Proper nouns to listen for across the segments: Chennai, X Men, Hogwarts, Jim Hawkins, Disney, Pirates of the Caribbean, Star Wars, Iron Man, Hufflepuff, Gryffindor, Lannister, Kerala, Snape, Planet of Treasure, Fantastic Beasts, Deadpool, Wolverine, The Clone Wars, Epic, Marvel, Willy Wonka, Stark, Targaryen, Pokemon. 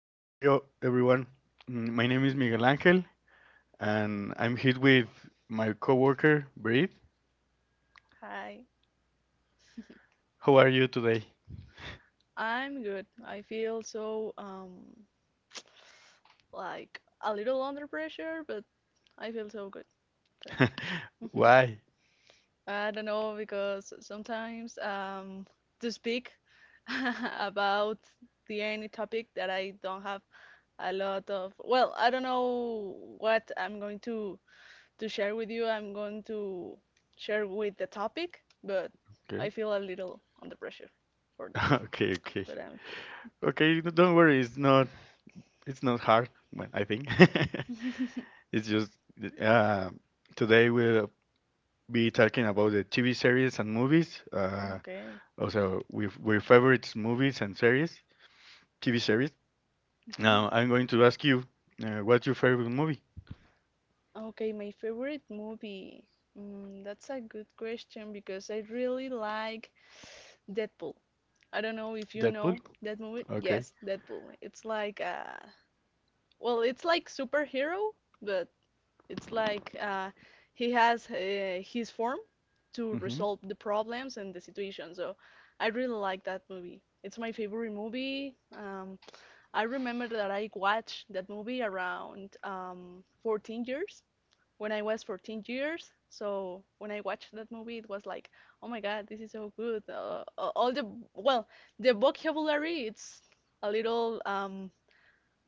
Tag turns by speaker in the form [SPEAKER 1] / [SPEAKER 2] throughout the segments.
[SPEAKER 1] Hi, Rio, everyone. My name is Miguel Angel, and I'm here with my coworker, Brit.
[SPEAKER 2] Hi.
[SPEAKER 1] How are you today?
[SPEAKER 2] I'm good. I feel so, like a little under pressure, but I feel so good. Thank you. Mhm.
[SPEAKER 1] Why?
[SPEAKER 2] I don't know because sometimes to speak about the any topic that I don't have a lot of. Well, I don't know what I'm going to share with you. I'm going to share with the topic, but
[SPEAKER 1] Okay.
[SPEAKER 2] I feel a little under pressure for that.
[SPEAKER 1] Okay, okay.
[SPEAKER 2] But I'm
[SPEAKER 1] Okay, don't worry, it's not hard, well, I think.
[SPEAKER 2] good.
[SPEAKER 1] It's just uh, today we'll be talking about the TV series and movies,
[SPEAKER 2] Okay.
[SPEAKER 1] also with favorite movies and series, TV series.
[SPEAKER 2] Mhm.
[SPEAKER 1] Now, I'm going
[SPEAKER 2] Uh,
[SPEAKER 1] to ask you, what's your favorite movie?
[SPEAKER 2] Okay, my favorite movie. That's a good question because I really like Deadpool. I don't know if you
[SPEAKER 1] Deadpool?
[SPEAKER 2] know that movie.
[SPEAKER 1] Okay.
[SPEAKER 2] Yes, Deadpool. It's like well, it's like superhero, but it's like he has his form to
[SPEAKER 1] Mhm.
[SPEAKER 2] resolve the problems and the situation. So I really like that movie. It's my favorite movie. I remember that I watched that movie around 14 years when I was 14 years. So when I watched that movie, it was like, oh my God, this is so good. Uh, all the, well, the vocabulary, it's a little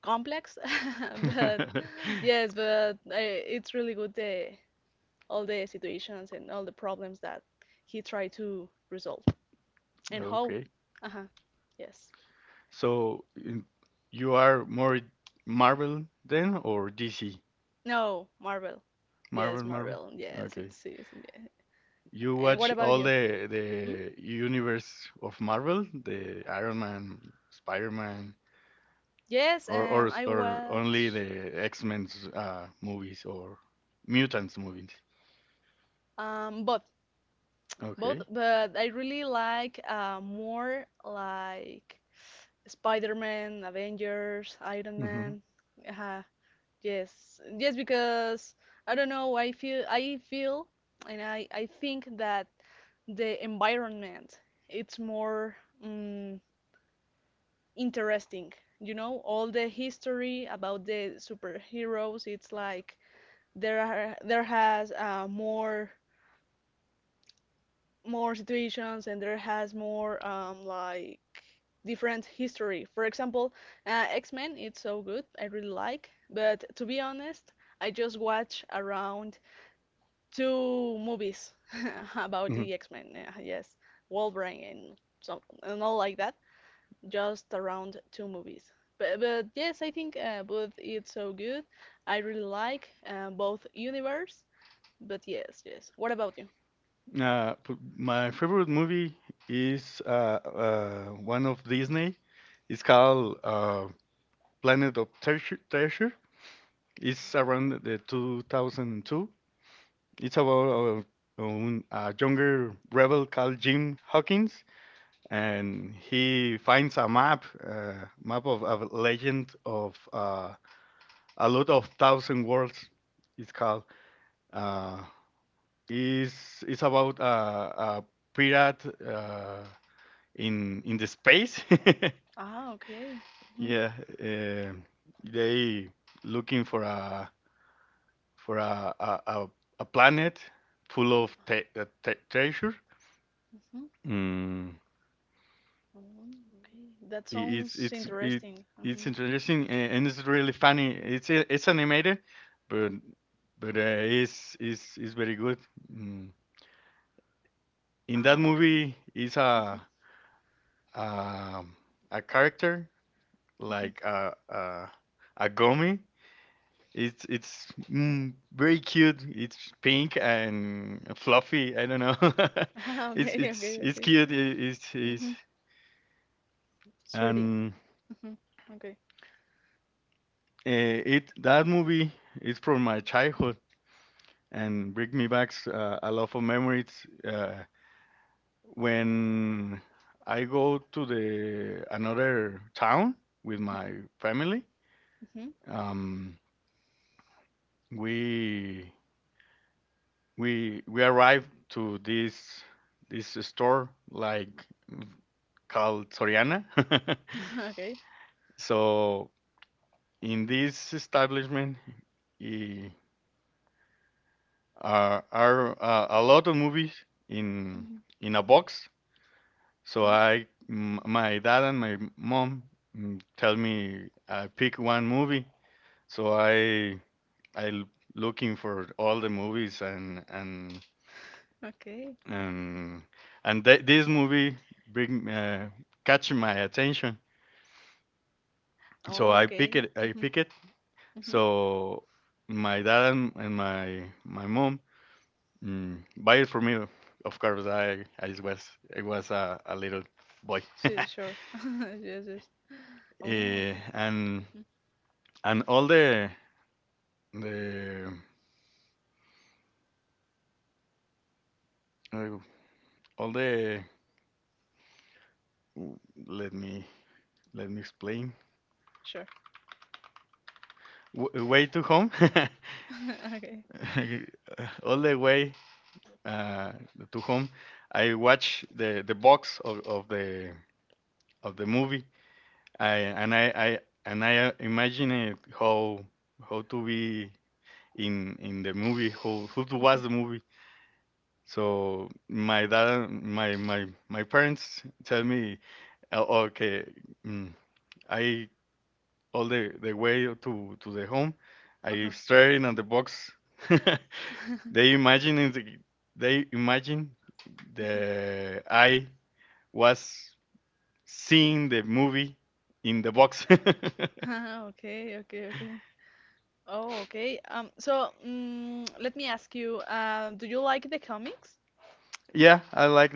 [SPEAKER 2] complex, but yes, but it's really good, all the situations and all the problems that he tried to resolve. And how?
[SPEAKER 1] Okay.
[SPEAKER 2] Uh-huh. Yes.
[SPEAKER 1] So in- you are more Marvel then or DC?
[SPEAKER 2] No, Marvel. Yes,
[SPEAKER 1] Marvel, Marvel.
[SPEAKER 2] Marvel. Yes,
[SPEAKER 1] Okay.
[SPEAKER 2] it's yeah.
[SPEAKER 1] You
[SPEAKER 2] And what
[SPEAKER 1] watch
[SPEAKER 2] about
[SPEAKER 1] all
[SPEAKER 2] you?
[SPEAKER 1] the
[SPEAKER 2] Hmm?
[SPEAKER 1] the universe of Marvel, the Iron Man, Spider-Man,
[SPEAKER 2] Yes,
[SPEAKER 1] or
[SPEAKER 2] I
[SPEAKER 1] only
[SPEAKER 2] watch.
[SPEAKER 1] the X-Men's movies or mutants movies.
[SPEAKER 2] Both, both,
[SPEAKER 1] Okay.
[SPEAKER 2] but I really like more like Spider-Man, Avengers, Iron
[SPEAKER 1] Mm-hmm.
[SPEAKER 2] Man. Uh, yes, yes, because I don't know. I feel, and I think that the environment it's more um, interesting. You know, all the history about the superheroes. It's like there has more situations and there has more like different history. For example, X Men, it's so good, I really like. But to be honest, I just watch around two movies about the X Men. Yes, Wolverine and some and all like that. Just around two movies. But, yes, I think both it's so good. I really like both universe. But yes, yes. What about you?
[SPEAKER 1] My favorite movie is one of Disney. It's called Planet of Treasure. Treasure. It's around the 2002. It's about a younger rebel called Jim Hawkins, and he finds a map, map of a legend of a lot of thousand worlds. It's called. Uh, is it's about a pirate. In the space.
[SPEAKER 2] Ah, okay. Hmm.
[SPEAKER 1] Yeah, uh, they looking for a for a planet full of treasure.
[SPEAKER 2] Hmm.
[SPEAKER 1] Mm,
[SPEAKER 2] Oh, okay. That
[SPEAKER 1] it's
[SPEAKER 2] sounds interesting.
[SPEAKER 1] it's
[SPEAKER 2] Mm-hmm.
[SPEAKER 1] interesting and it's really funny. It's animated, but but it's it's very good. Mm. In that
[SPEAKER 2] Ah, okay.
[SPEAKER 1] movie, is
[SPEAKER 2] Mm-hmm.
[SPEAKER 1] a a character
[SPEAKER 2] Mm-hmm.
[SPEAKER 1] like a gummy. It's it's very cute. It's pink and fluffy. I don't know.
[SPEAKER 2] Ah,
[SPEAKER 1] it's
[SPEAKER 2] okay, okay,
[SPEAKER 1] it's it's
[SPEAKER 2] okay.
[SPEAKER 1] cute. It's it's
[SPEAKER 2] Mm-hmm. 3D.
[SPEAKER 1] and
[SPEAKER 2] Mm-hmm. Okay.
[SPEAKER 1] it that movie is from my childhood and bring me back a lot of memories. When I go to the another town with
[SPEAKER 2] Mm-hmm.
[SPEAKER 1] my family, um, we we arrive to this store like called Soriana.
[SPEAKER 2] Okay.
[SPEAKER 1] So in this establishment, eh, are a lot of movies in
[SPEAKER 2] Mm-hmm.
[SPEAKER 1] in a box. So I, my dad and my mom tell me I pick one movie. So I I l- looking for all the movies and and
[SPEAKER 2] Okay.
[SPEAKER 1] and and this movie bring catch my attention. So
[SPEAKER 2] Oh,
[SPEAKER 1] I pick
[SPEAKER 2] okay.
[SPEAKER 1] it. I
[SPEAKER 2] Mm-hmm.
[SPEAKER 1] pick it.
[SPEAKER 2] Mm-hmm.
[SPEAKER 1] So my dad and my mom buy it for me. Of course, I was I was a little boy,
[SPEAKER 2] Sure, sure. Yes, yes. Oh,
[SPEAKER 1] Eh,
[SPEAKER 2] okay.
[SPEAKER 1] and
[SPEAKER 2] Mm-hmm.
[SPEAKER 1] and all the uh, all the let me let me explain
[SPEAKER 2] Sure.
[SPEAKER 1] Way to home.
[SPEAKER 2] Okay.
[SPEAKER 1] All the way uh, to home I watch the box of the movie I and I imagine it how to be in the movie how to watch
[SPEAKER 2] Mm-hmm.
[SPEAKER 1] the movie. So my dad, my parents tell me, "Oh, okay, mm, I all the way to the home, I
[SPEAKER 2] Uh-huh.
[SPEAKER 1] staring at the box. They imagine it, they imagine
[SPEAKER 2] Mhm.
[SPEAKER 1] the I was seeing the movie in the box.
[SPEAKER 2] Ah, okay, okay, okay. Oh, okay. So, let me ask you, do you like the comics?
[SPEAKER 1] Yeah, I like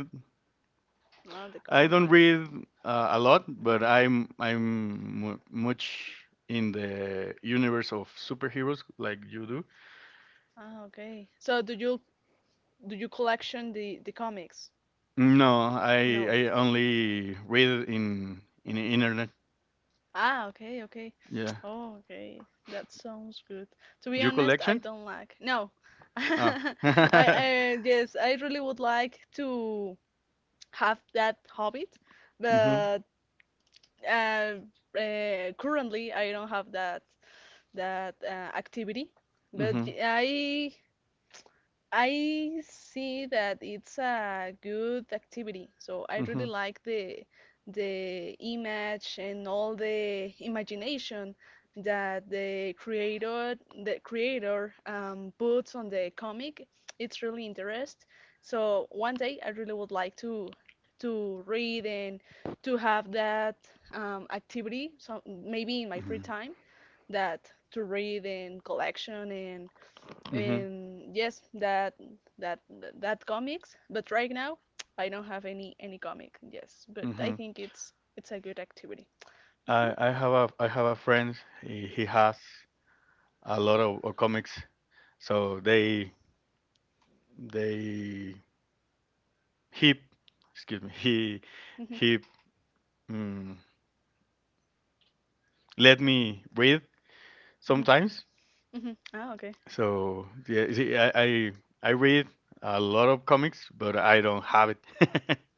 [SPEAKER 2] Ah, the
[SPEAKER 1] I don't
[SPEAKER 2] comics.
[SPEAKER 1] read a lot, but
[SPEAKER 2] Hmm.
[SPEAKER 1] I'm much in the universe of superheroes like you do.
[SPEAKER 2] Ah, okay. So do you collection the comics?
[SPEAKER 1] No, I
[SPEAKER 2] No.
[SPEAKER 1] I only read in the internet.
[SPEAKER 2] Ah, okay, okay.
[SPEAKER 1] Yeah,
[SPEAKER 2] Oh, okay. That sounds good. To be
[SPEAKER 1] you
[SPEAKER 2] honest, I
[SPEAKER 1] collection?
[SPEAKER 2] don't like. No.
[SPEAKER 1] Ah.
[SPEAKER 2] I,
[SPEAKER 1] Mhm.
[SPEAKER 2] I yes, I really would like to have that habit, but uh, currently I don't have that that uh, activity. But
[SPEAKER 1] Mhm.
[SPEAKER 2] I see that it's a good activity, so I really
[SPEAKER 1] Mhm.
[SPEAKER 2] like the image and all the imagination that the creator puts on the comic. It's really interest. So one day I really would like to read and to have that activity. So maybe in my free
[SPEAKER 1] Mhm.
[SPEAKER 2] time, that to read and collection and.
[SPEAKER 1] Mhm.
[SPEAKER 2] Yes, that that comics, but right now I don't have any comic. Yes, but I
[SPEAKER 1] Mhm.
[SPEAKER 2] think it's a good activity. Mm-hmm,
[SPEAKER 1] I have a friend. He has a lot of comics, so they he excuse me he
[SPEAKER 2] mm-hmm,
[SPEAKER 1] he mm, let me read
[SPEAKER 2] mm-hmm,
[SPEAKER 1] sometimes.
[SPEAKER 2] mm-hmm. Ah, okay.
[SPEAKER 1] So yeah, see, I I read a lot of comics, but I don't have it.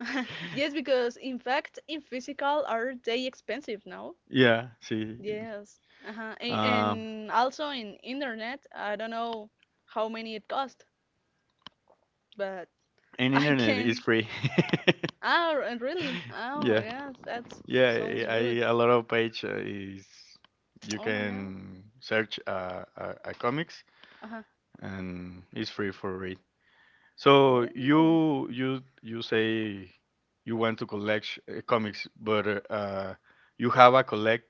[SPEAKER 2] Yes, because in fact, in physical are they expensive now?
[SPEAKER 1] Yeah, see,
[SPEAKER 2] Yes. Uh-huh. And,
[SPEAKER 1] um,
[SPEAKER 2] and also in internet, I don't know how many it cost, but
[SPEAKER 1] and
[SPEAKER 2] I
[SPEAKER 1] internet is
[SPEAKER 2] can.
[SPEAKER 1] free.
[SPEAKER 2] Ah, and really? Oh my
[SPEAKER 1] Yeah,
[SPEAKER 2] gosh, that
[SPEAKER 1] yeah,
[SPEAKER 2] sounds good.
[SPEAKER 1] a lot of page is you
[SPEAKER 2] Oh my god.
[SPEAKER 1] can search comics
[SPEAKER 2] Uh-huh.
[SPEAKER 1] and it's free for read. So
[SPEAKER 2] Oh.
[SPEAKER 1] you you say you want to collect comics, but you have a collect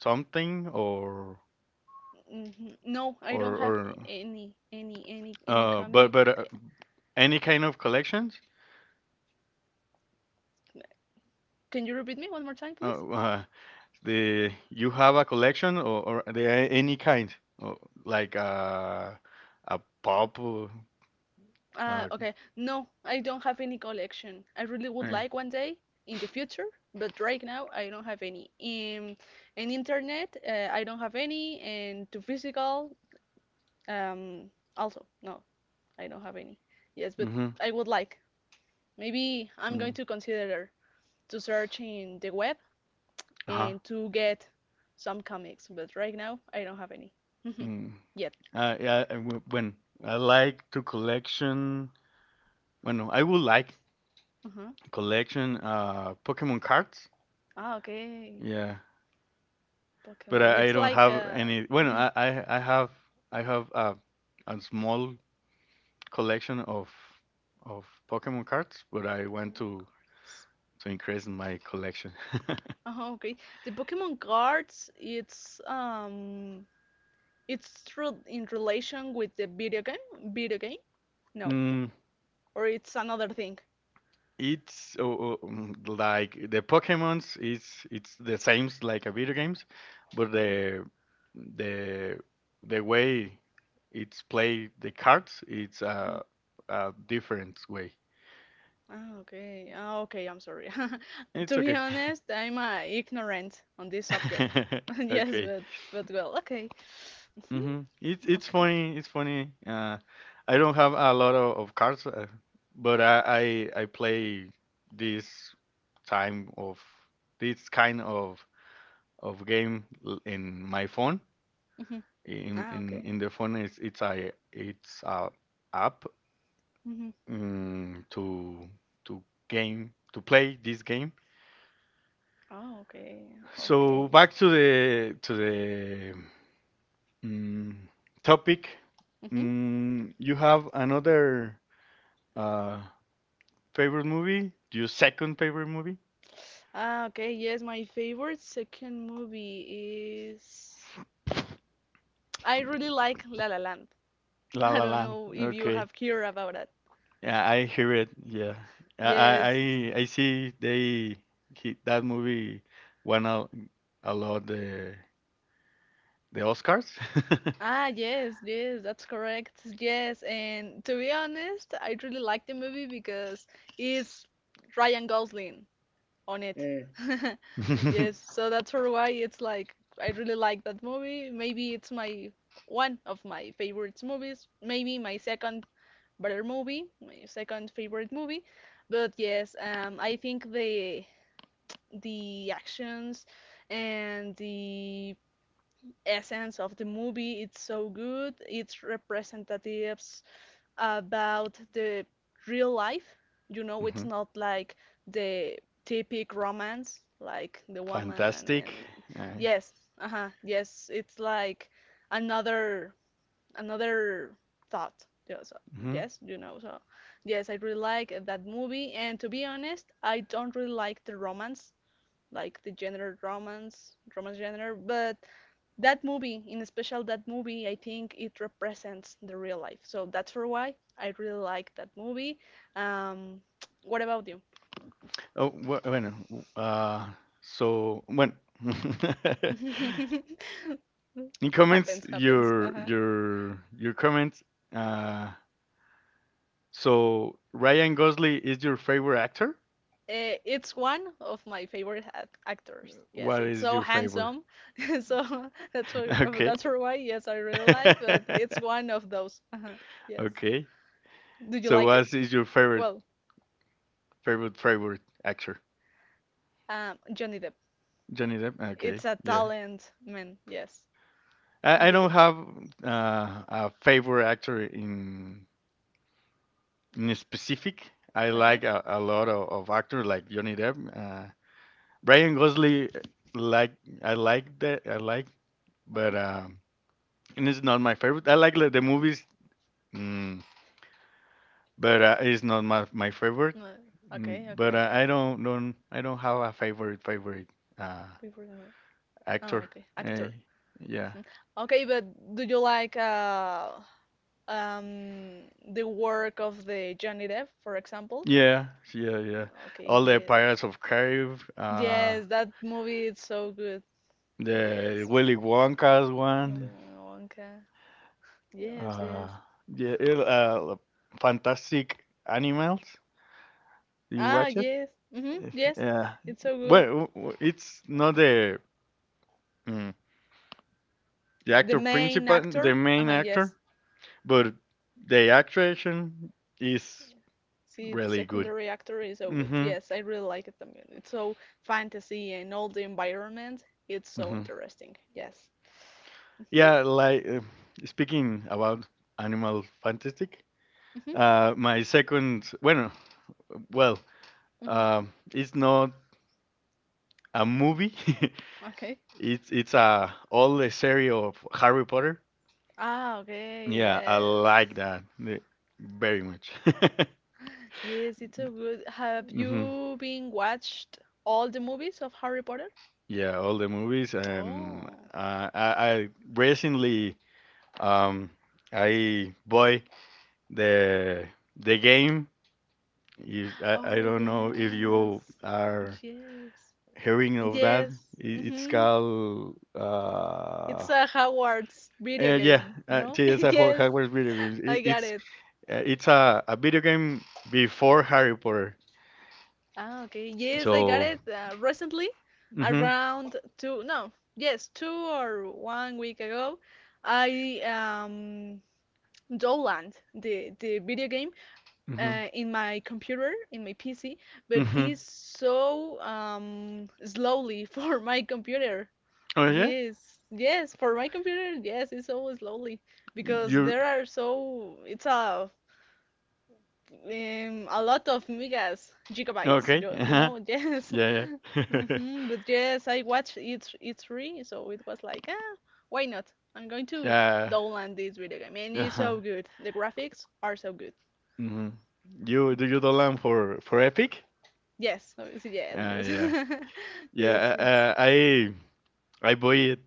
[SPEAKER 1] something or
[SPEAKER 2] No, I
[SPEAKER 1] or
[SPEAKER 2] don't have
[SPEAKER 1] or
[SPEAKER 2] any
[SPEAKER 1] but
[SPEAKER 2] comic.
[SPEAKER 1] any kind of collections
[SPEAKER 2] Can you repeat me one more time, please?
[SPEAKER 1] uh, uh the you have a collection or the any kind or like a pop or, uh
[SPEAKER 2] Okay. No, I don't have any collection. I really would like one day in the future, but right now I don't have any. And internet, I don't have any, and to physical, um, also no, I don't have any. Yes, but
[SPEAKER 1] mm-hmm,
[SPEAKER 2] I would like. Maybe I'm
[SPEAKER 1] mm,
[SPEAKER 2] going to consider to search in the web
[SPEAKER 1] uh-huh
[SPEAKER 2] and to get some comics, but right now I don't have any
[SPEAKER 1] mm.
[SPEAKER 2] yet.
[SPEAKER 1] Yeah I when I like to collection when I would like
[SPEAKER 2] Uh-huh.
[SPEAKER 1] collection Pokemon cards
[SPEAKER 2] Ah, okay.
[SPEAKER 1] yeah but
[SPEAKER 2] Pokemon.
[SPEAKER 1] I
[SPEAKER 2] It's
[SPEAKER 1] don't
[SPEAKER 2] like
[SPEAKER 1] have any well
[SPEAKER 2] mhm,
[SPEAKER 1] I have I have a small collection of Pokemon cards, but I want
[SPEAKER 2] Pokemon cards.
[SPEAKER 1] to increase my collection.
[SPEAKER 2] Uh-huh, okay. The Pokemon cards, it's true in relation with the video game, No,
[SPEAKER 1] mm,
[SPEAKER 2] or it's another thing.
[SPEAKER 1] it's oh, like the Pokemon's. It's the same like a video games, but
[SPEAKER 2] Uh-huh.
[SPEAKER 1] the the way it's play the cards, it's
[SPEAKER 2] Mhm.
[SPEAKER 1] a different way.
[SPEAKER 2] Ah, okay. Ah, okay. I'm sorry.
[SPEAKER 1] It's
[SPEAKER 2] To be
[SPEAKER 1] okay.
[SPEAKER 2] honest, I'm ignorant on this subject. Yes,
[SPEAKER 1] Okay.
[SPEAKER 2] but well, okay. Mhm.
[SPEAKER 1] Hmm. It's
[SPEAKER 2] Okay.
[SPEAKER 1] funny. It's funny. I don't have a lot of cards, but I I play this time of this kind of game in my phone.
[SPEAKER 2] Mhm.
[SPEAKER 1] In
[SPEAKER 2] Ah,
[SPEAKER 1] in,
[SPEAKER 2] okay.
[SPEAKER 1] in the phone, it's a app
[SPEAKER 2] Mhm.
[SPEAKER 1] um, to to game to play this game.
[SPEAKER 2] Ah, okay.
[SPEAKER 1] So
[SPEAKER 2] Okay.
[SPEAKER 1] back to the mm topic.
[SPEAKER 2] Mhm.
[SPEAKER 1] Mm, you have another Uh, favorite movie? Your second favorite movie?
[SPEAKER 2] Ah, okay. Yes, my favorite second movie is. I really like La La Land.
[SPEAKER 1] La
[SPEAKER 2] I
[SPEAKER 1] La
[SPEAKER 2] don't
[SPEAKER 1] Land.
[SPEAKER 2] know if you
[SPEAKER 1] Okay.
[SPEAKER 2] have heard about it.
[SPEAKER 1] Yeah, I hear it. Yeah, I I
[SPEAKER 2] Yes.
[SPEAKER 1] I I see they he, that movie won a lot the Oscars.
[SPEAKER 2] Ah, yes, yes, that's correct. Yes, and to be honest, I really like the movie because it's Ryan Gosling on it.
[SPEAKER 1] Mm.
[SPEAKER 2] Yes, so that's for why it's like I really like that movie. Maybe it's my one of my favorite movies. Maybe my second better movie, my second favorite movie. But yes, I think the actions and the essence of the movie it's so good. It's representative about the real life. You know, it's
[SPEAKER 1] Mhm.
[SPEAKER 2] not like the typical romance, like the woman
[SPEAKER 1] Fantastic.
[SPEAKER 2] and
[SPEAKER 1] I-
[SPEAKER 2] yes, uh-huh, yes, it's like another another thought. Yeah, so,
[SPEAKER 1] mhm.
[SPEAKER 2] yes, you know, so yes, I really like that movie, and to be honest, I don't really like the romance like the genre romance, romance genre. But that movie, in special that movie, I think it represents the real life. So that's for why I really like that movie. Um, what about you?
[SPEAKER 1] Oh, bu- bueno. Uh, so bueno. In comments,
[SPEAKER 2] Happens, happens.
[SPEAKER 1] your
[SPEAKER 2] Uh-huh.
[SPEAKER 1] your your comments. Uh, So Ryan Gosling is your favorite actor?
[SPEAKER 2] It's one of my favorite actors. Yes,
[SPEAKER 1] What
[SPEAKER 2] it's
[SPEAKER 1] is
[SPEAKER 2] so
[SPEAKER 1] your favorite?
[SPEAKER 2] handsome. So
[SPEAKER 1] Okay.
[SPEAKER 2] that's for why, yes, I really like, but it's one of those. Uh-huh. Yes.
[SPEAKER 1] Okay.
[SPEAKER 2] Do you
[SPEAKER 1] So
[SPEAKER 2] like it?
[SPEAKER 1] what is your favorite
[SPEAKER 2] Well,
[SPEAKER 1] favorite actor?
[SPEAKER 2] Johnny Depp.
[SPEAKER 1] Johnny Depp. Okay.
[SPEAKER 2] It's a
[SPEAKER 1] Yeah.
[SPEAKER 2] talent, man. Yes.
[SPEAKER 1] I don't
[SPEAKER 2] Yes.
[SPEAKER 1] have a favorite actor in specific. I
[SPEAKER 2] Okay.
[SPEAKER 1] like a lot of actors like Johnny Depp. Ryan Gosling like I like that I like,
[SPEAKER 2] Mhm.
[SPEAKER 1] but and it's not my favorite. I like the movies. mm, but it's not my favorite.
[SPEAKER 2] Uh,
[SPEAKER 1] Mm,
[SPEAKER 2] okay. Okay.
[SPEAKER 1] but
[SPEAKER 2] Okay.
[SPEAKER 1] I don't have a favorite uh
[SPEAKER 2] People can- Oh,
[SPEAKER 1] actor.
[SPEAKER 2] okay.
[SPEAKER 1] Eh,
[SPEAKER 2] Actor.
[SPEAKER 1] yeah,
[SPEAKER 2] Mhm. Okay, but do you like um the work of the Johnny Depp, for example?
[SPEAKER 1] yeah, yeah, yeah.
[SPEAKER 2] Okay.
[SPEAKER 1] All the
[SPEAKER 2] Yes.
[SPEAKER 1] Pirates of Carib,
[SPEAKER 2] Yes, that movie is so good.
[SPEAKER 1] the
[SPEAKER 2] Yes.
[SPEAKER 1] Willy Wonka's one.
[SPEAKER 2] Willy Wonka. Yes.
[SPEAKER 1] Uh,
[SPEAKER 2] Yes.
[SPEAKER 1] yeah, Fantastic Animals. Do you
[SPEAKER 2] Ah.
[SPEAKER 1] watch it?
[SPEAKER 2] Yes. Mhm.
[SPEAKER 1] Eh,
[SPEAKER 2] Yes.
[SPEAKER 1] yeah.
[SPEAKER 2] It's so
[SPEAKER 1] Well,
[SPEAKER 2] good.
[SPEAKER 1] it's not the mm, the
[SPEAKER 2] The
[SPEAKER 1] actor
[SPEAKER 2] main
[SPEAKER 1] principal, the
[SPEAKER 2] actor.
[SPEAKER 1] main
[SPEAKER 2] Uh-huh. Yes.
[SPEAKER 1] actor, but the attraction is
[SPEAKER 2] See, the
[SPEAKER 1] really good.
[SPEAKER 2] secondary actor is so good.
[SPEAKER 1] Hmm.
[SPEAKER 2] Yes, I really like it. I mean, it's so fantasy and all the environment. It's so
[SPEAKER 1] Hmm.
[SPEAKER 2] interesting. Yes. Mhm.
[SPEAKER 1] Yeah, like speaking about Animal Fantastic,
[SPEAKER 2] Mhm.
[SPEAKER 1] my second, bueno, well,
[SPEAKER 2] Mhm.
[SPEAKER 1] it's not a movie.
[SPEAKER 2] Okay.
[SPEAKER 1] It's a all the series of Harry Potter.
[SPEAKER 2] Ah, okay.
[SPEAKER 1] Yeah, I
[SPEAKER 2] Yes.
[SPEAKER 1] like that very much.
[SPEAKER 2] Yes, it's so good. Have
[SPEAKER 1] Hmm.
[SPEAKER 2] you been watched all the movies of Harry Potter?
[SPEAKER 1] Yeah, all the movies, and
[SPEAKER 2] Oh.
[SPEAKER 1] uh, I, I recently um, I bought the the game. If, I
[SPEAKER 2] Oh,
[SPEAKER 1] don't know if you
[SPEAKER 2] yes.
[SPEAKER 1] are
[SPEAKER 2] Yes.
[SPEAKER 1] hearing of that.
[SPEAKER 2] Yes.
[SPEAKER 1] It's
[SPEAKER 2] Mhm.
[SPEAKER 1] called
[SPEAKER 2] It's a Hogwarts video
[SPEAKER 1] yeah,
[SPEAKER 2] game, no?
[SPEAKER 1] it's a
[SPEAKER 2] Yes,
[SPEAKER 1] Hogwarts video game.
[SPEAKER 2] I got it.
[SPEAKER 1] It's a video game before Harry Potter.
[SPEAKER 2] Ah, okay. Yes, I got
[SPEAKER 1] So
[SPEAKER 2] it recently,
[SPEAKER 1] mhm
[SPEAKER 2] around two, no, yes, two or one week ago. I downloaded the video game
[SPEAKER 1] mhm
[SPEAKER 2] in my computer, in my PC, but
[SPEAKER 1] mhm.
[SPEAKER 2] it's so slowly for my computer.
[SPEAKER 1] Oh yeah,
[SPEAKER 2] Yes, yes, for my computer, yes, it's so slowly because
[SPEAKER 1] you
[SPEAKER 2] there are so it's a lot of megas, gigabytes,
[SPEAKER 1] okay? Uh-huh.
[SPEAKER 2] yes.
[SPEAKER 1] Yeah yeah.
[SPEAKER 2] But yes, I watched it. It's free, so it was like, ah, why not? I'm going to
[SPEAKER 1] Yeah.
[SPEAKER 2] download this video game, and it's
[SPEAKER 1] Uh-huh.
[SPEAKER 2] so good. The graphics are so good.
[SPEAKER 1] Mhm. You do land for Epic?
[SPEAKER 2] Yes, obviously, yes, yes,
[SPEAKER 1] Yeah. Yeah,
[SPEAKER 2] yes. It's
[SPEAKER 1] I bought it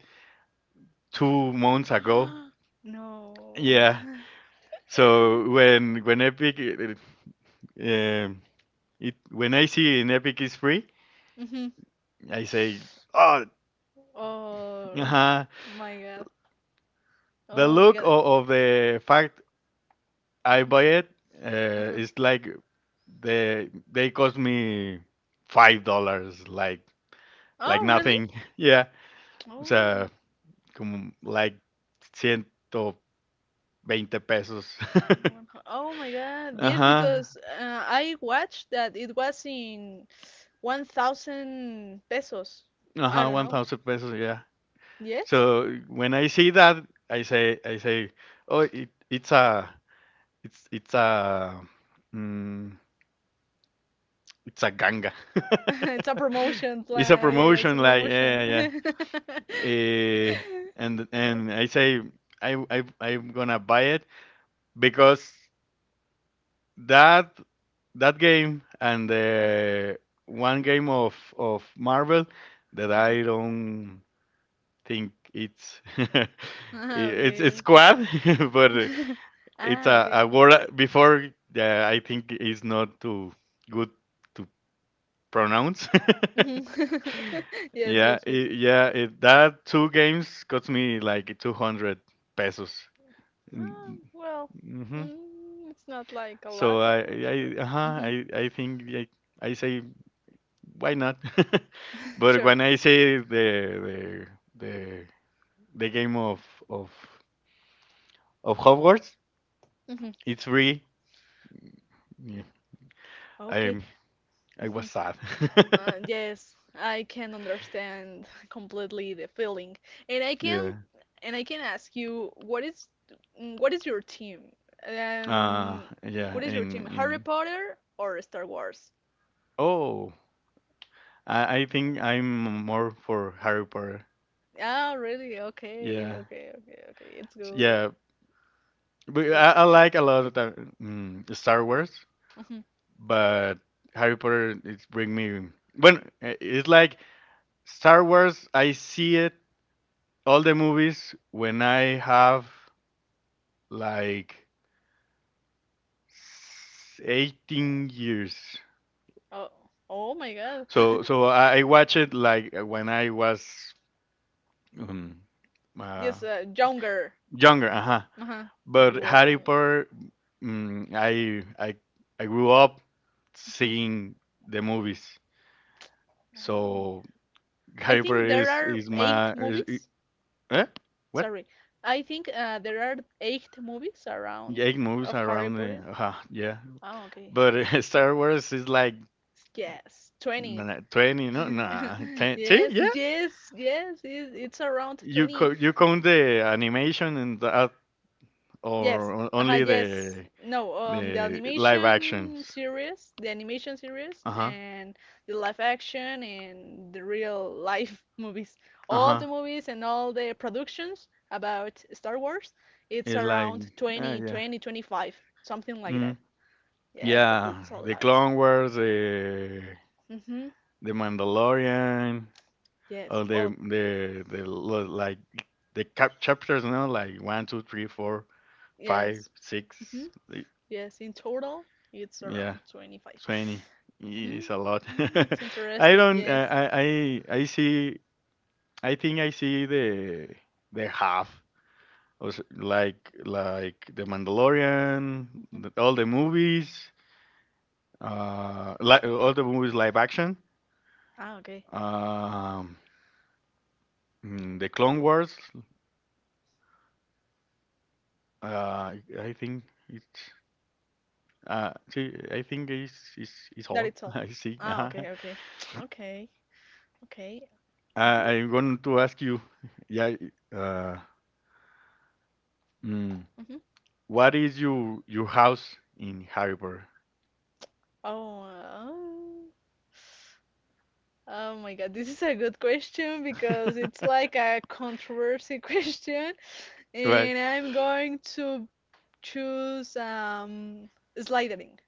[SPEAKER 1] 2 months ago.
[SPEAKER 2] no.
[SPEAKER 1] Yeah. So when Epic it when I see in Epic is free,
[SPEAKER 2] hmm
[SPEAKER 1] I say, oh,
[SPEAKER 2] Oh
[SPEAKER 1] uh
[SPEAKER 2] my God.
[SPEAKER 1] the
[SPEAKER 2] Oh my
[SPEAKER 1] look
[SPEAKER 2] God.
[SPEAKER 1] of the fact I buy it
[SPEAKER 2] Uh-huh.
[SPEAKER 1] is like the they cost me $5, like
[SPEAKER 2] Oh really?
[SPEAKER 1] nothing. Yeah. O
[SPEAKER 2] Oh.
[SPEAKER 1] sea, como like 120 pesos.
[SPEAKER 2] Oh my God. Yes,
[SPEAKER 1] Ajá.
[SPEAKER 2] because I watched that it was in 1,000 pesos. I
[SPEAKER 1] Ajá,
[SPEAKER 2] don't know.
[SPEAKER 1] 1000 pesos, yeah.
[SPEAKER 2] Yes,
[SPEAKER 1] So when I see that, I say, oh, it, it's a, it's it's a, mm, it's a ganga.
[SPEAKER 2] it's a promotion
[SPEAKER 1] It's a
[SPEAKER 2] plan. Yeah, it's a
[SPEAKER 1] promotion, like yeah,
[SPEAKER 2] promotion.
[SPEAKER 1] yeah. Yeah. Eh,
[SPEAKER 2] Eh,
[SPEAKER 1] and I say, I I'm gonna buy it because that that game and
[SPEAKER 2] Ajá,
[SPEAKER 1] the one game of Marvel that I
[SPEAKER 2] ajá.
[SPEAKER 1] don't think it's. i-
[SPEAKER 2] Ah, okay,
[SPEAKER 1] It's
[SPEAKER 2] okay.
[SPEAKER 1] squad, but it's
[SPEAKER 2] Ah,
[SPEAKER 1] a
[SPEAKER 2] okay.
[SPEAKER 1] word before I think is not too good to pronounce.
[SPEAKER 2] Mhm. Yes,
[SPEAKER 1] Yeah,
[SPEAKER 2] yes, yes.
[SPEAKER 1] yeah, that two games cost me like 200 pesos.
[SPEAKER 2] Ah, well,
[SPEAKER 1] Mm-hmm.
[SPEAKER 2] it's not like a
[SPEAKER 1] So
[SPEAKER 2] lot of
[SPEAKER 1] I
[SPEAKER 2] much,
[SPEAKER 1] I
[SPEAKER 2] but
[SPEAKER 1] uh-huh,
[SPEAKER 2] Mhm.
[SPEAKER 1] I say why not? But
[SPEAKER 2] Sure.
[SPEAKER 1] when I say the the the game of of of Hogwarts,
[SPEAKER 2] Mhm.
[SPEAKER 1] it's free. Yeah. I
[SPEAKER 2] Okay.
[SPEAKER 1] I was sad.
[SPEAKER 2] Yes, I can understand completely the feeling, and I can
[SPEAKER 1] Yeah.
[SPEAKER 2] and I can ask you what is your team?
[SPEAKER 1] Uh,
[SPEAKER 2] Um,
[SPEAKER 1] yeah,
[SPEAKER 2] what is your team? Harry
[SPEAKER 1] in
[SPEAKER 2] Potter or Star Wars?
[SPEAKER 1] oh, I think I'm more for Harry Potter.
[SPEAKER 2] Ah, really? Okay,
[SPEAKER 1] Yeah,
[SPEAKER 2] okay, okay, okay. It's good.
[SPEAKER 1] yeah,
[SPEAKER 2] It's
[SPEAKER 1] but
[SPEAKER 2] good.
[SPEAKER 1] I
[SPEAKER 2] Yeah.
[SPEAKER 1] like a lot of the, Star Wars,
[SPEAKER 2] Mhm.
[SPEAKER 1] but Harry Potter it's bring me when it's like Star Wars. I see it all the movies when I have like 18 years.
[SPEAKER 2] Oh, oh my God.
[SPEAKER 1] So so I watch it like when I was um, uh,
[SPEAKER 2] Yes, younger.
[SPEAKER 1] younger. Uh huh.
[SPEAKER 2] Uh-huh. You
[SPEAKER 1] But
[SPEAKER 2] was
[SPEAKER 1] Harry
[SPEAKER 2] younger.
[SPEAKER 1] Potter, I I grew up
[SPEAKER 2] Mhm.
[SPEAKER 1] seeing the movies,
[SPEAKER 2] Oh my God.
[SPEAKER 1] so
[SPEAKER 2] I
[SPEAKER 1] Harry Potter
[SPEAKER 2] think there are
[SPEAKER 1] is
[SPEAKER 2] eight
[SPEAKER 1] my is,
[SPEAKER 2] movies.
[SPEAKER 1] eh? What?
[SPEAKER 2] Sorry. I think there are eight movies around
[SPEAKER 1] Eight movies
[SPEAKER 2] of Harry
[SPEAKER 1] around the
[SPEAKER 2] Potter.
[SPEAKER 1] yeah.
[SPEAKER 2] Oh, okay.
[SPEAKER 1] But
[SPEAKER 2] Okay.
[SPEAKER 1] Star Wars is like
[SPEAKER 2] Yes,
[SPEAKER 1] nah,
[SPEAKER 2] 20.
[SPEAKER 1] nah, 20, no, nah, ten. See,
[SPEAKER 2] Yes,
[SPEAKER 1] yeah,
[SPEAKER 2] yes, yes. It's around
[SPEAKER 1] you
[SPEAKER 2] 20.
[SPEAKER 1] you count the animation and that, or
[SPEAKER 2] Yes.
[SPEAKER 1] only
[SPEAKER 2] Yes. No, the
[SPEAKER 1] the live
[SPEAKER 2] animation
[SPEAKER 1] actions.
[SPEAKER 2] series,
[SPEAKER 1] Uh huh.
[SPEAKER 2] and the live action and the real life movies.
[SPEAKER 1] Uh
[SPEAKER 2] All
[SPEAKER 1] huh.
[SPEAKER 2] the movies and all the productions about Star Wars, it's
[SPEAKER 1] It's like
[SPEAKER 2] around 20,
[SPEAKER 1] yeah.
[SPEAKER 2] 20, 25, something like.
[SPEAKER 1] Mm.
[SPEAKER 2] Yes, but
[SPEAKER 1] Yeah,
[SPEAKER 2] it's a
[SPEAKER 1] the
[SPEAKER 2] lot.
[SPEAKER 1] Clone Wars,
[SPEAKER 2] Mm-hmm.
[SPEAKER 1] the Mandalorian,
[SPEAKER 2] Yes.
[SPEAKER 1] all the
[SPEAKER 2] Oh,
[SPEAKER 1] like the cap chapters, no, like one, two, three, four, five,
[SPEAKER 2] yes. Mm-hmm.
[SPEAKER 1] six, y-
[SPEAKER 2] Yes. In total, it's
[SPEAKER 1] yeah,
[SPEAKER 2] around 25.
[SPEAKER 1] 20
[SPEAKER 2] Mm-hmm.
[SPEAKER 1] is a lot.
[SPEAKER 2] Oh, it's
[SPEAKER 1] I
[SPEAKER 2] interesting.
[SPEAKER 1] don't,
[SPEAKER 2] Yes.
[SPEAKER 1] I see, I think I see the half, or like the Mandalorian,
[SPEAKER 2] Mm-hmm.
[SPEAKER 1] the, all the movies, li all the movies live action.
[SPEAKER 2] Ah, okay.
[SPEAKER 1] Um, the Clone Wars, uh, I think it's I think it's
[SPEAKER 2] That
[SPEAKER 1] all.
[SPEAKER 2] it's all.
[SPEAKER 1] I see.
[SPEAKER 2] Ah,
[SPEAKER 1] Uh-huh.
[SPEAKER 2] okay, okay. Okay. Okay. Mm-hmm.
[SPEAKER 1] I'm going to ask you, yeah, uh, mm,
[SPEAKER 2] Mm-hmm.
[SPEAKER 1] what is your house in Harry Potter?
[SPEAKER 2] Oh, oh my God. This is a good question because it's like a controversy question,
[SPEAKER 1] Right,
[SPEAKER 2] and I'm going to choose sliding.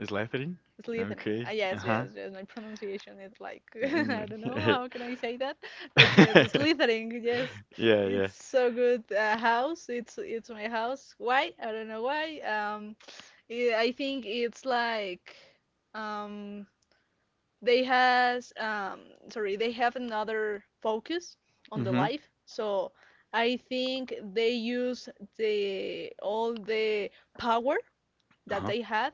[SPEAKER 1] Slytherin.
[SPEAKER 2] It's listening.
[SPEAKER 1] Okay.
[SPEAKER 2] Ah, yes,
[SPEAKER 1] Uh-huh.
[SPEAKER 2] yes, yes. My pronunciation is like I don't know how can I say that, but yes, it's listening. Yes,
[SPEAKER 1] Yeah, yeah.
[SPEAKER 2] it's so good. House. It's my house. Why? I don't know why. I think it's like um they has sorry they have another focus on the
[SPEAKER 1] Mm-hmm.
[SPEAKER 2] life. So I think they use the all the power that
[SPEAKER 1] Uh-huh.
[SPEAKER 2] they have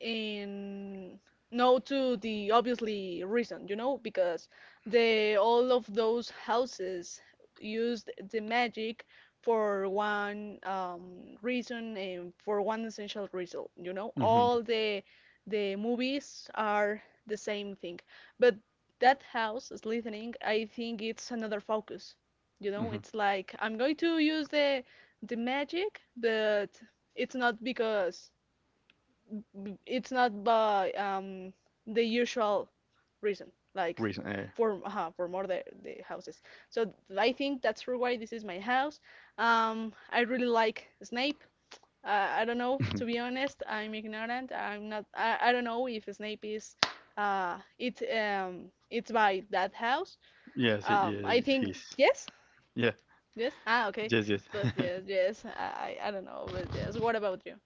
[SPEAKER 2] and no to the obviously reason because the all of those houses used the magic for one reason and for one essential result, all
[SPEAKER 1] Mm-hmm.
[SPEAKER 2] the movies are the same thing, but that house, Slytherin, I think it's another focus.
[SPEAKER 1] Mm-hmm.
[SPEAKER 2] It's like I'm going to use the magic, but it's not because it's not by the usual reason, like
[SPEAKER 1] Reason.
[SPEAKER 2] for more the houses. So I think that's for why this is my house. I really like Snape. I don't know, to be honest, I'm ignorant. I'm not. I don't know if Snape is it's by that house.
[SPEAKER 1] Yes. Yeah.
[SPEAKER 2] I think
[SPEAKER 1] Yes.
[SPEAKER 2] yes,
[SPEAKER 1] Yeah.
[SPEAKER 2] yes. Ah, okay.
[SPEAKER 1] Yes. Yes.
[SPEAKER 2] But yes, yes. I don't know. But yes. What about you?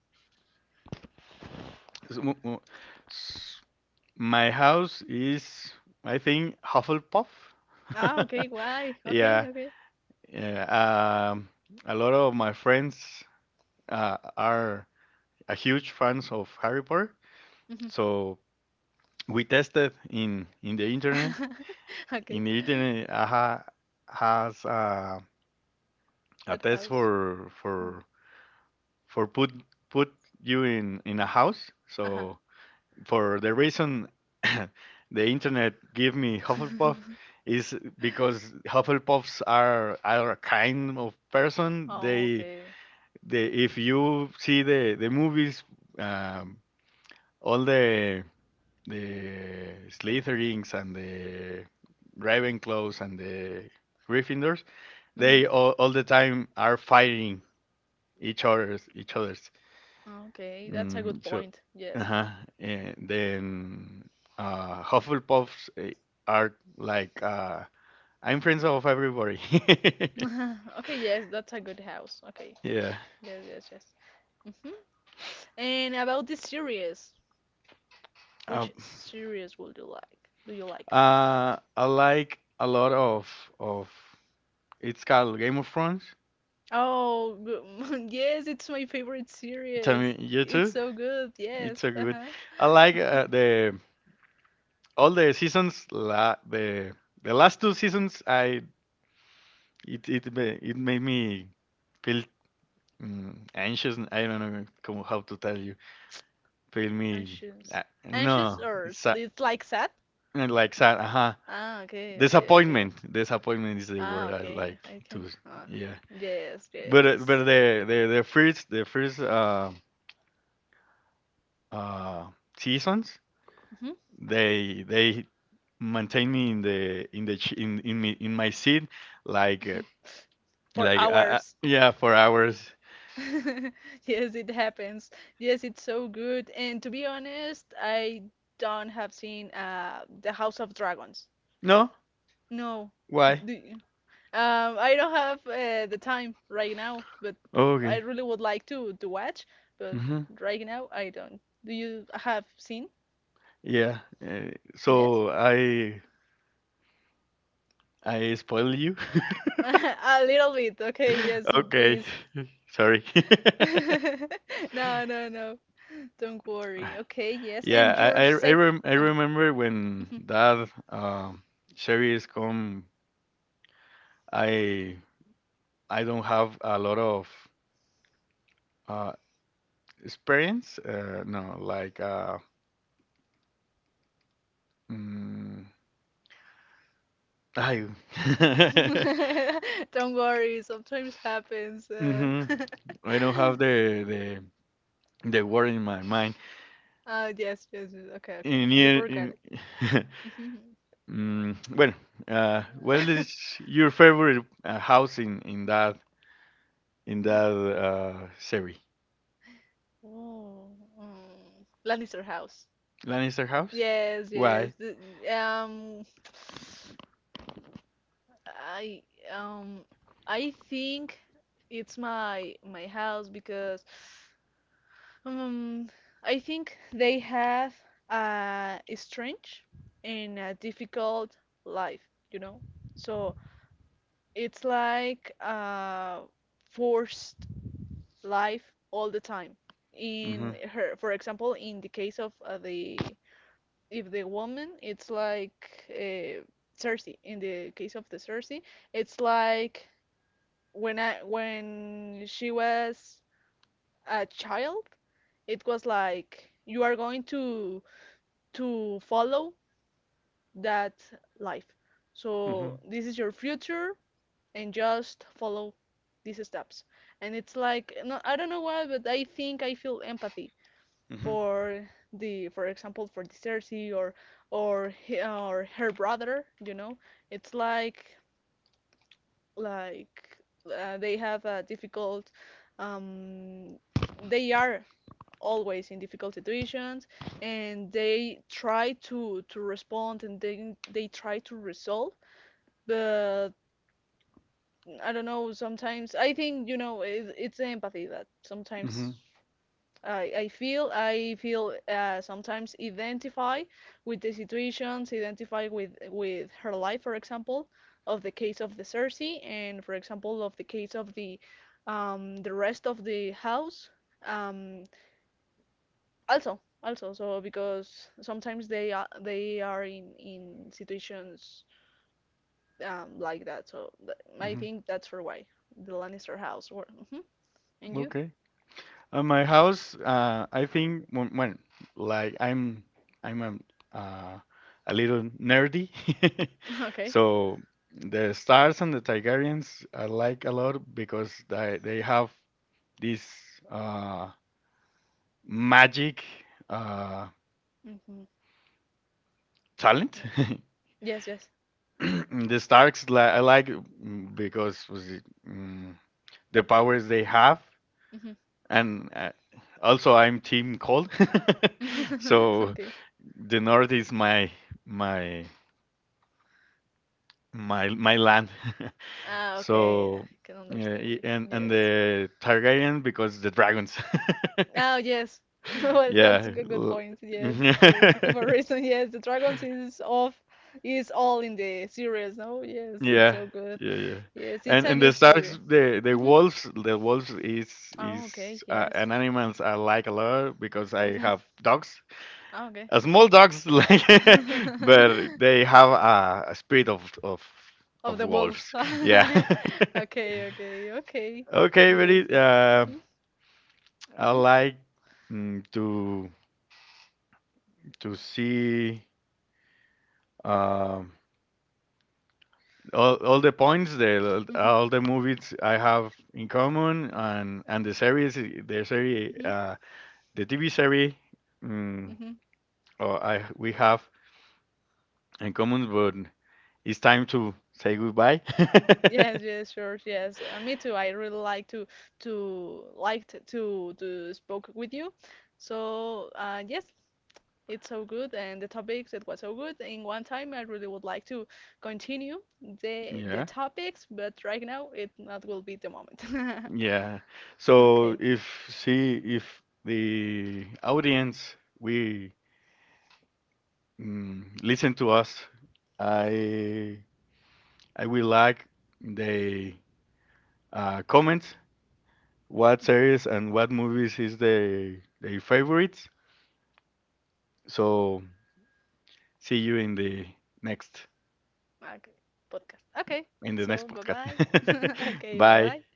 [SPEAKER 1] So, mo- mo- s- My house is, I think, Hufflepuff.
[SPEAKER 2] Ah, okay. Why?
[SPEAKER 1] Yeah,
[SPEAKER 2] Okay, okay.
[SPEAKER 1] yeah. Um, a lot of my friends are a huge fans of Harry Potter,
[SPEAKER 2] Mm-hmm.
[SPEAKER 1] so we tested in the internet.
[SPEAKER 2] Okay,
[SPEAKER 1] In the internet, AHA has a
[SPEAKER 2] that
[SPEAKER 1] test
[SPEAKER 2] house.
[SPEAKER 1] for
[SPEAKER 2] Uh-huh.
[SPEAKER 1] for for put put you in a house. So for the reason the internet give me Hufflepuff is because Hufflepuffs are a kind of person.
[SPEAKER 2] Oh,
[SPEAKER 1] They
[SPEAKER 2] okay.
[SPEAKER 1] they if you see the movies, um, all the Slytherins and the Ravenclaws and the Gryffindors,
[SPEAKER 2] hmm
[SPEAKER 1] all the time are fighting each other's.
[SPEAKER 2] Okay, that's a good
[SPEAKER 1] Mm, so,
[SPEAKER 2] point. Yes.
[SPEAKER 1] uh-huh. And then Hufflepuffs are like I'm friends of everybody.
[SPEAKER 2] Okay, yes, that's a good house. Okay.
[SPEAKER 1] Yeah.
[SPEAKER 2] Yes, yes, yes. hmm And about the series,
[SPEAKER 1] Uh,
[SPEAKER 2] which series would you like? Do you like?
[SPEAKER 1] I like a lot of it's called Game of Thrones.
[SPEAKER 2] Oh, good. Yes, it's my favorite
[SPEAKER 1] Tell
[SPEAKER 2] series.
[SPEAKER 1] me, you
[SPEAKER 2] It's
[SPEAKER 1] too?
[SPEAKER 2] so good. Yes.
[SPEAKER 1] It's so good.
[SPEAKER 2] Uh-huh.
[SPEAKER 1] I like the all the seasons. The last two seasons, I it it ma- it made me feel anxious. I don't know como how to tell Feel me.
[SPEAKER 2] Anxious. Anxious
[SPEAKER 1] No,
[SPEAKER 2] or
[SPEAKER 1] sa
[SPEAKER 2] it's like sad?
[SPEAKER 1] like sad. Uh-huh.
[SPEAKER 2] Ah, okay, okay, okay.
[SPEAKER 1] Disappointment. Disappointment is the
[SPEAKER 2] Ah,
[SPEAKER 1] word I
[SPEAKER 2] okay.
[SPEAKER 1] like
[SPEAKER 2] I can.
[SPEAKER 1] to. Yeah,
[SPEAKER 2] Yes,
[SPEAKER 1] but
[SPEAKER 2] yes.
[SPEAKER 1] the first uh seasons
[SPEAKER 2] hmm
[SPEAKER 1] they maintain me in the ch- in me in my seat like
[SPEAKER 2] hmm For hours.
[SPEAKER 1] yeah for hours.
[SPEAKER 2] Yes, it happens. Yes, it's so good. And to be honest, I don't have seen The House of Dragons.
[SPEAKER 1] No,
[SPEAKER 2] No.
[SPEAKER 1] why?
[SPEAKER 2] Do you- I don't have the time right now, but
[SPEAKER 1] Oh,
[SPEAKER 2] I
[SPEAKER 1] okay.
[SPEAKER 2] really would like to watch, but
[SPEAKER 1] Mm-hmm.
[SPEAKER 2] right now I don't. Do you have seen?
[SPEAKER 1] Yeah. Uh,
[SPEAKER 2] Yes?
[SPEAKER 1] so I spoil you.
[SPEAKER 2] A little bit. Okay, yes,
[SPEAKER 1] Okay.
[SPEAKER 2] please.
[SPEAKER 1] Sorry.
[SPEAKER 2] No, no, no. Don't worry. Okay, yes.
[SPEAKER 1] Yeah,
[SPEAKER 2] And your sec
[SPEAKER 1] I
[SPEAKER 2] um
[SPEAKER 1] remember when that series come. I I don't have a lot of uh experience. No, like mm, I
[SPEAKER 2] Don't worry. Sometimes happens.
[SPEAKER 1] hmm I don't have the word in my mind.
[SPEAKER 2] Yes, yes, yes. Okay, okay.
[SPEAKER 1] In,
[SPEAKER 2] You
[SPEAKER 1] here-
[SPEAKER 2] forgot
[SPEAKER 1] in
[SPEAKER 2] it.
[SPEAKER 1] well, what is your favorite house in that series.
[SPEAKER 2] Oh, mm. Lannister house.
[SPEAKER 1] Lannister House?
[SPEAKER 2] Yes, yes.
[SPEAKER 1] Why?
[SPEAKER 2] The- um I um I think it's my house because Um, I think they have a strange and a difficult life, you know? So it's like a forced life all the time.
[SPEAKER 1] Mm-hmm.
[SPEAKER 2] In her, for example, in the case of the if the woman, it's like Cersei. In the case of the Cersei, it's like when she was a child, it was like you are going to follow that life. So
[SPEAKER 1] Mm-hmm.
[SPEAKER 2] this is your future, and just follow these steps. And it's like no, I don't know why, but I think I feel empathy
[SPEAKER 1] Mm-hmm.
[SPEAKER 2] for the, for example, for the Cersei or he, or her brother. You know, it's like they have a difficult. Um, they are always in difficult situations and they try to respond and they try to resolve but I don't know sometimes I think you know it's empathy that
[SPEAKER 1] Mm-hmm.
[SPEAKER 2] sometimes I feel I feel sometimes identify with the situations, identify with her life, for example, of the case of the Cersei, and for example of the case of the rest of the house. Um, also also so because sometimes they are in situations like that so th I
[SPEAKER 1] Mm-hmm.
[SPEAKER 2] think that's for why the Lannister house were hmm and you
[SPEAKER 1] Okay. At my house, I think when like I'm a, uh, a little nerdy,
[SPEAKER 2] okay,
[SPEAKER 1] so the stars and the Targaryens I like a lot because they have this uh, magic uh,
[SPEAKER 2] mm-hmm,
[SPEAKER 1] talent.
[SPEAKER 2] yes, yes,
[SPEAKER 1] the Starks, I like because was it, mm, the powers they have,
[SPEAKER 2] mm-hmm.
[SPEAKER 1] and also I'm Team Cold, so
[SPEAKER 2] okay.
[SPEAKER 1] the North is my my land.
[SPEAKER 2] Ah, okay,
[SPEAKER 1] so
[SPEAKER 2] I can
[SPEAKER 1] yeah,
[SPEAKER 2] understand you.
[SPEAKER 1] and
[SPEAKER 2] Yes.
[SPEAKER 1] the Targaryen because the dragons.
[SPEAKER 2] Oh yes, well that's a
[SPEAKER 1] yeah,
[SPEAKER 2] good point, yes, yes,
[SPEAKER 1] yeah,
[SPEAKER 2] you have a reason, yes, the dragons is off is all in the series no, yes, it's
[SPEAKER 1] yeah,
[SPEAKER 2] so good.
[SPEAKER 1] yeah.
[SPEAKER 2] Yes, it's a
[SPEAKER 1] And the
[SPEAKER 2] good series.
[SPEAKER 1] Starks, the the
[SPEAKER 2] Mm-hmm.
[SPEAKER 1] wolves, the wolves is
[SPEAKER 2] Oh,
[SPEAKER 1] is
[SPEAKER 2] okay, yes.
[SPEAKER 1] and animals I like a lot because I
[SPEAKER 2] Mm-hmm.
[SPEAKER 1] have dogs.
[SPEAKER 2] Oh, okay.
[SPEAKER 1] Small dogs, like, but they have a spirit of
[SPEAKER 2] Of
[SPEAKER 1] of
[SPEAKER 2] the wolves.
[SPEAKER 1] wolves. Yeah.
[SPEAKER 2] Okay, okay, okay.
[SPEAKER 1] okay,
[SPEAKER 2] Yes,
[SPEAKER 1] very.
[SPEAKER 2] it's. Mhm,
[SPEAKER 1] I
[SPEAKER 2] mhm,
[SPEAKER 1] like mm, to to see um all the points, the
[SPEAKER 2] mhm,
[SPEAKER 1] all the movies I have in common, and the series,
[SPEAKER 2] mhm,
[SPEAKER 1] the TV series, mm,
[SPEAKER 2] mhm.
[SPEAKER 1] oh, I we have in common, but it's time to say goodbye.
[SPEAKER 2] Yes, yes, sure, yes. Me too. I really like to liked to spoke with you. So, yes, it's so good, and the topics it was so good. In one time, I really would like to continue the
[SPEAKER 1] yeah.
[SPEAKER 2] topics, but right now it not will be the moment.
[SPEAKER 1] Yeah. So
[SPEAKER 2] Okay.
[SPEAKER 1] if see if the audience we listen to us, I I will like the comments what series and what movies is the their favorites. So see you next
[SPEAKER 2] Ah, okay, Podcast. Okay,
[SPEAKER 1] in the
[SPEAKER 2] so,
[SPEAKER 1] next
[SPEAKER 2] bye
[SPEAKER 1] podcast.
[SPEAKER 2] bye. Okay, bye
[SPEAKER 1] Bye.
[SPEAKER 2] bye.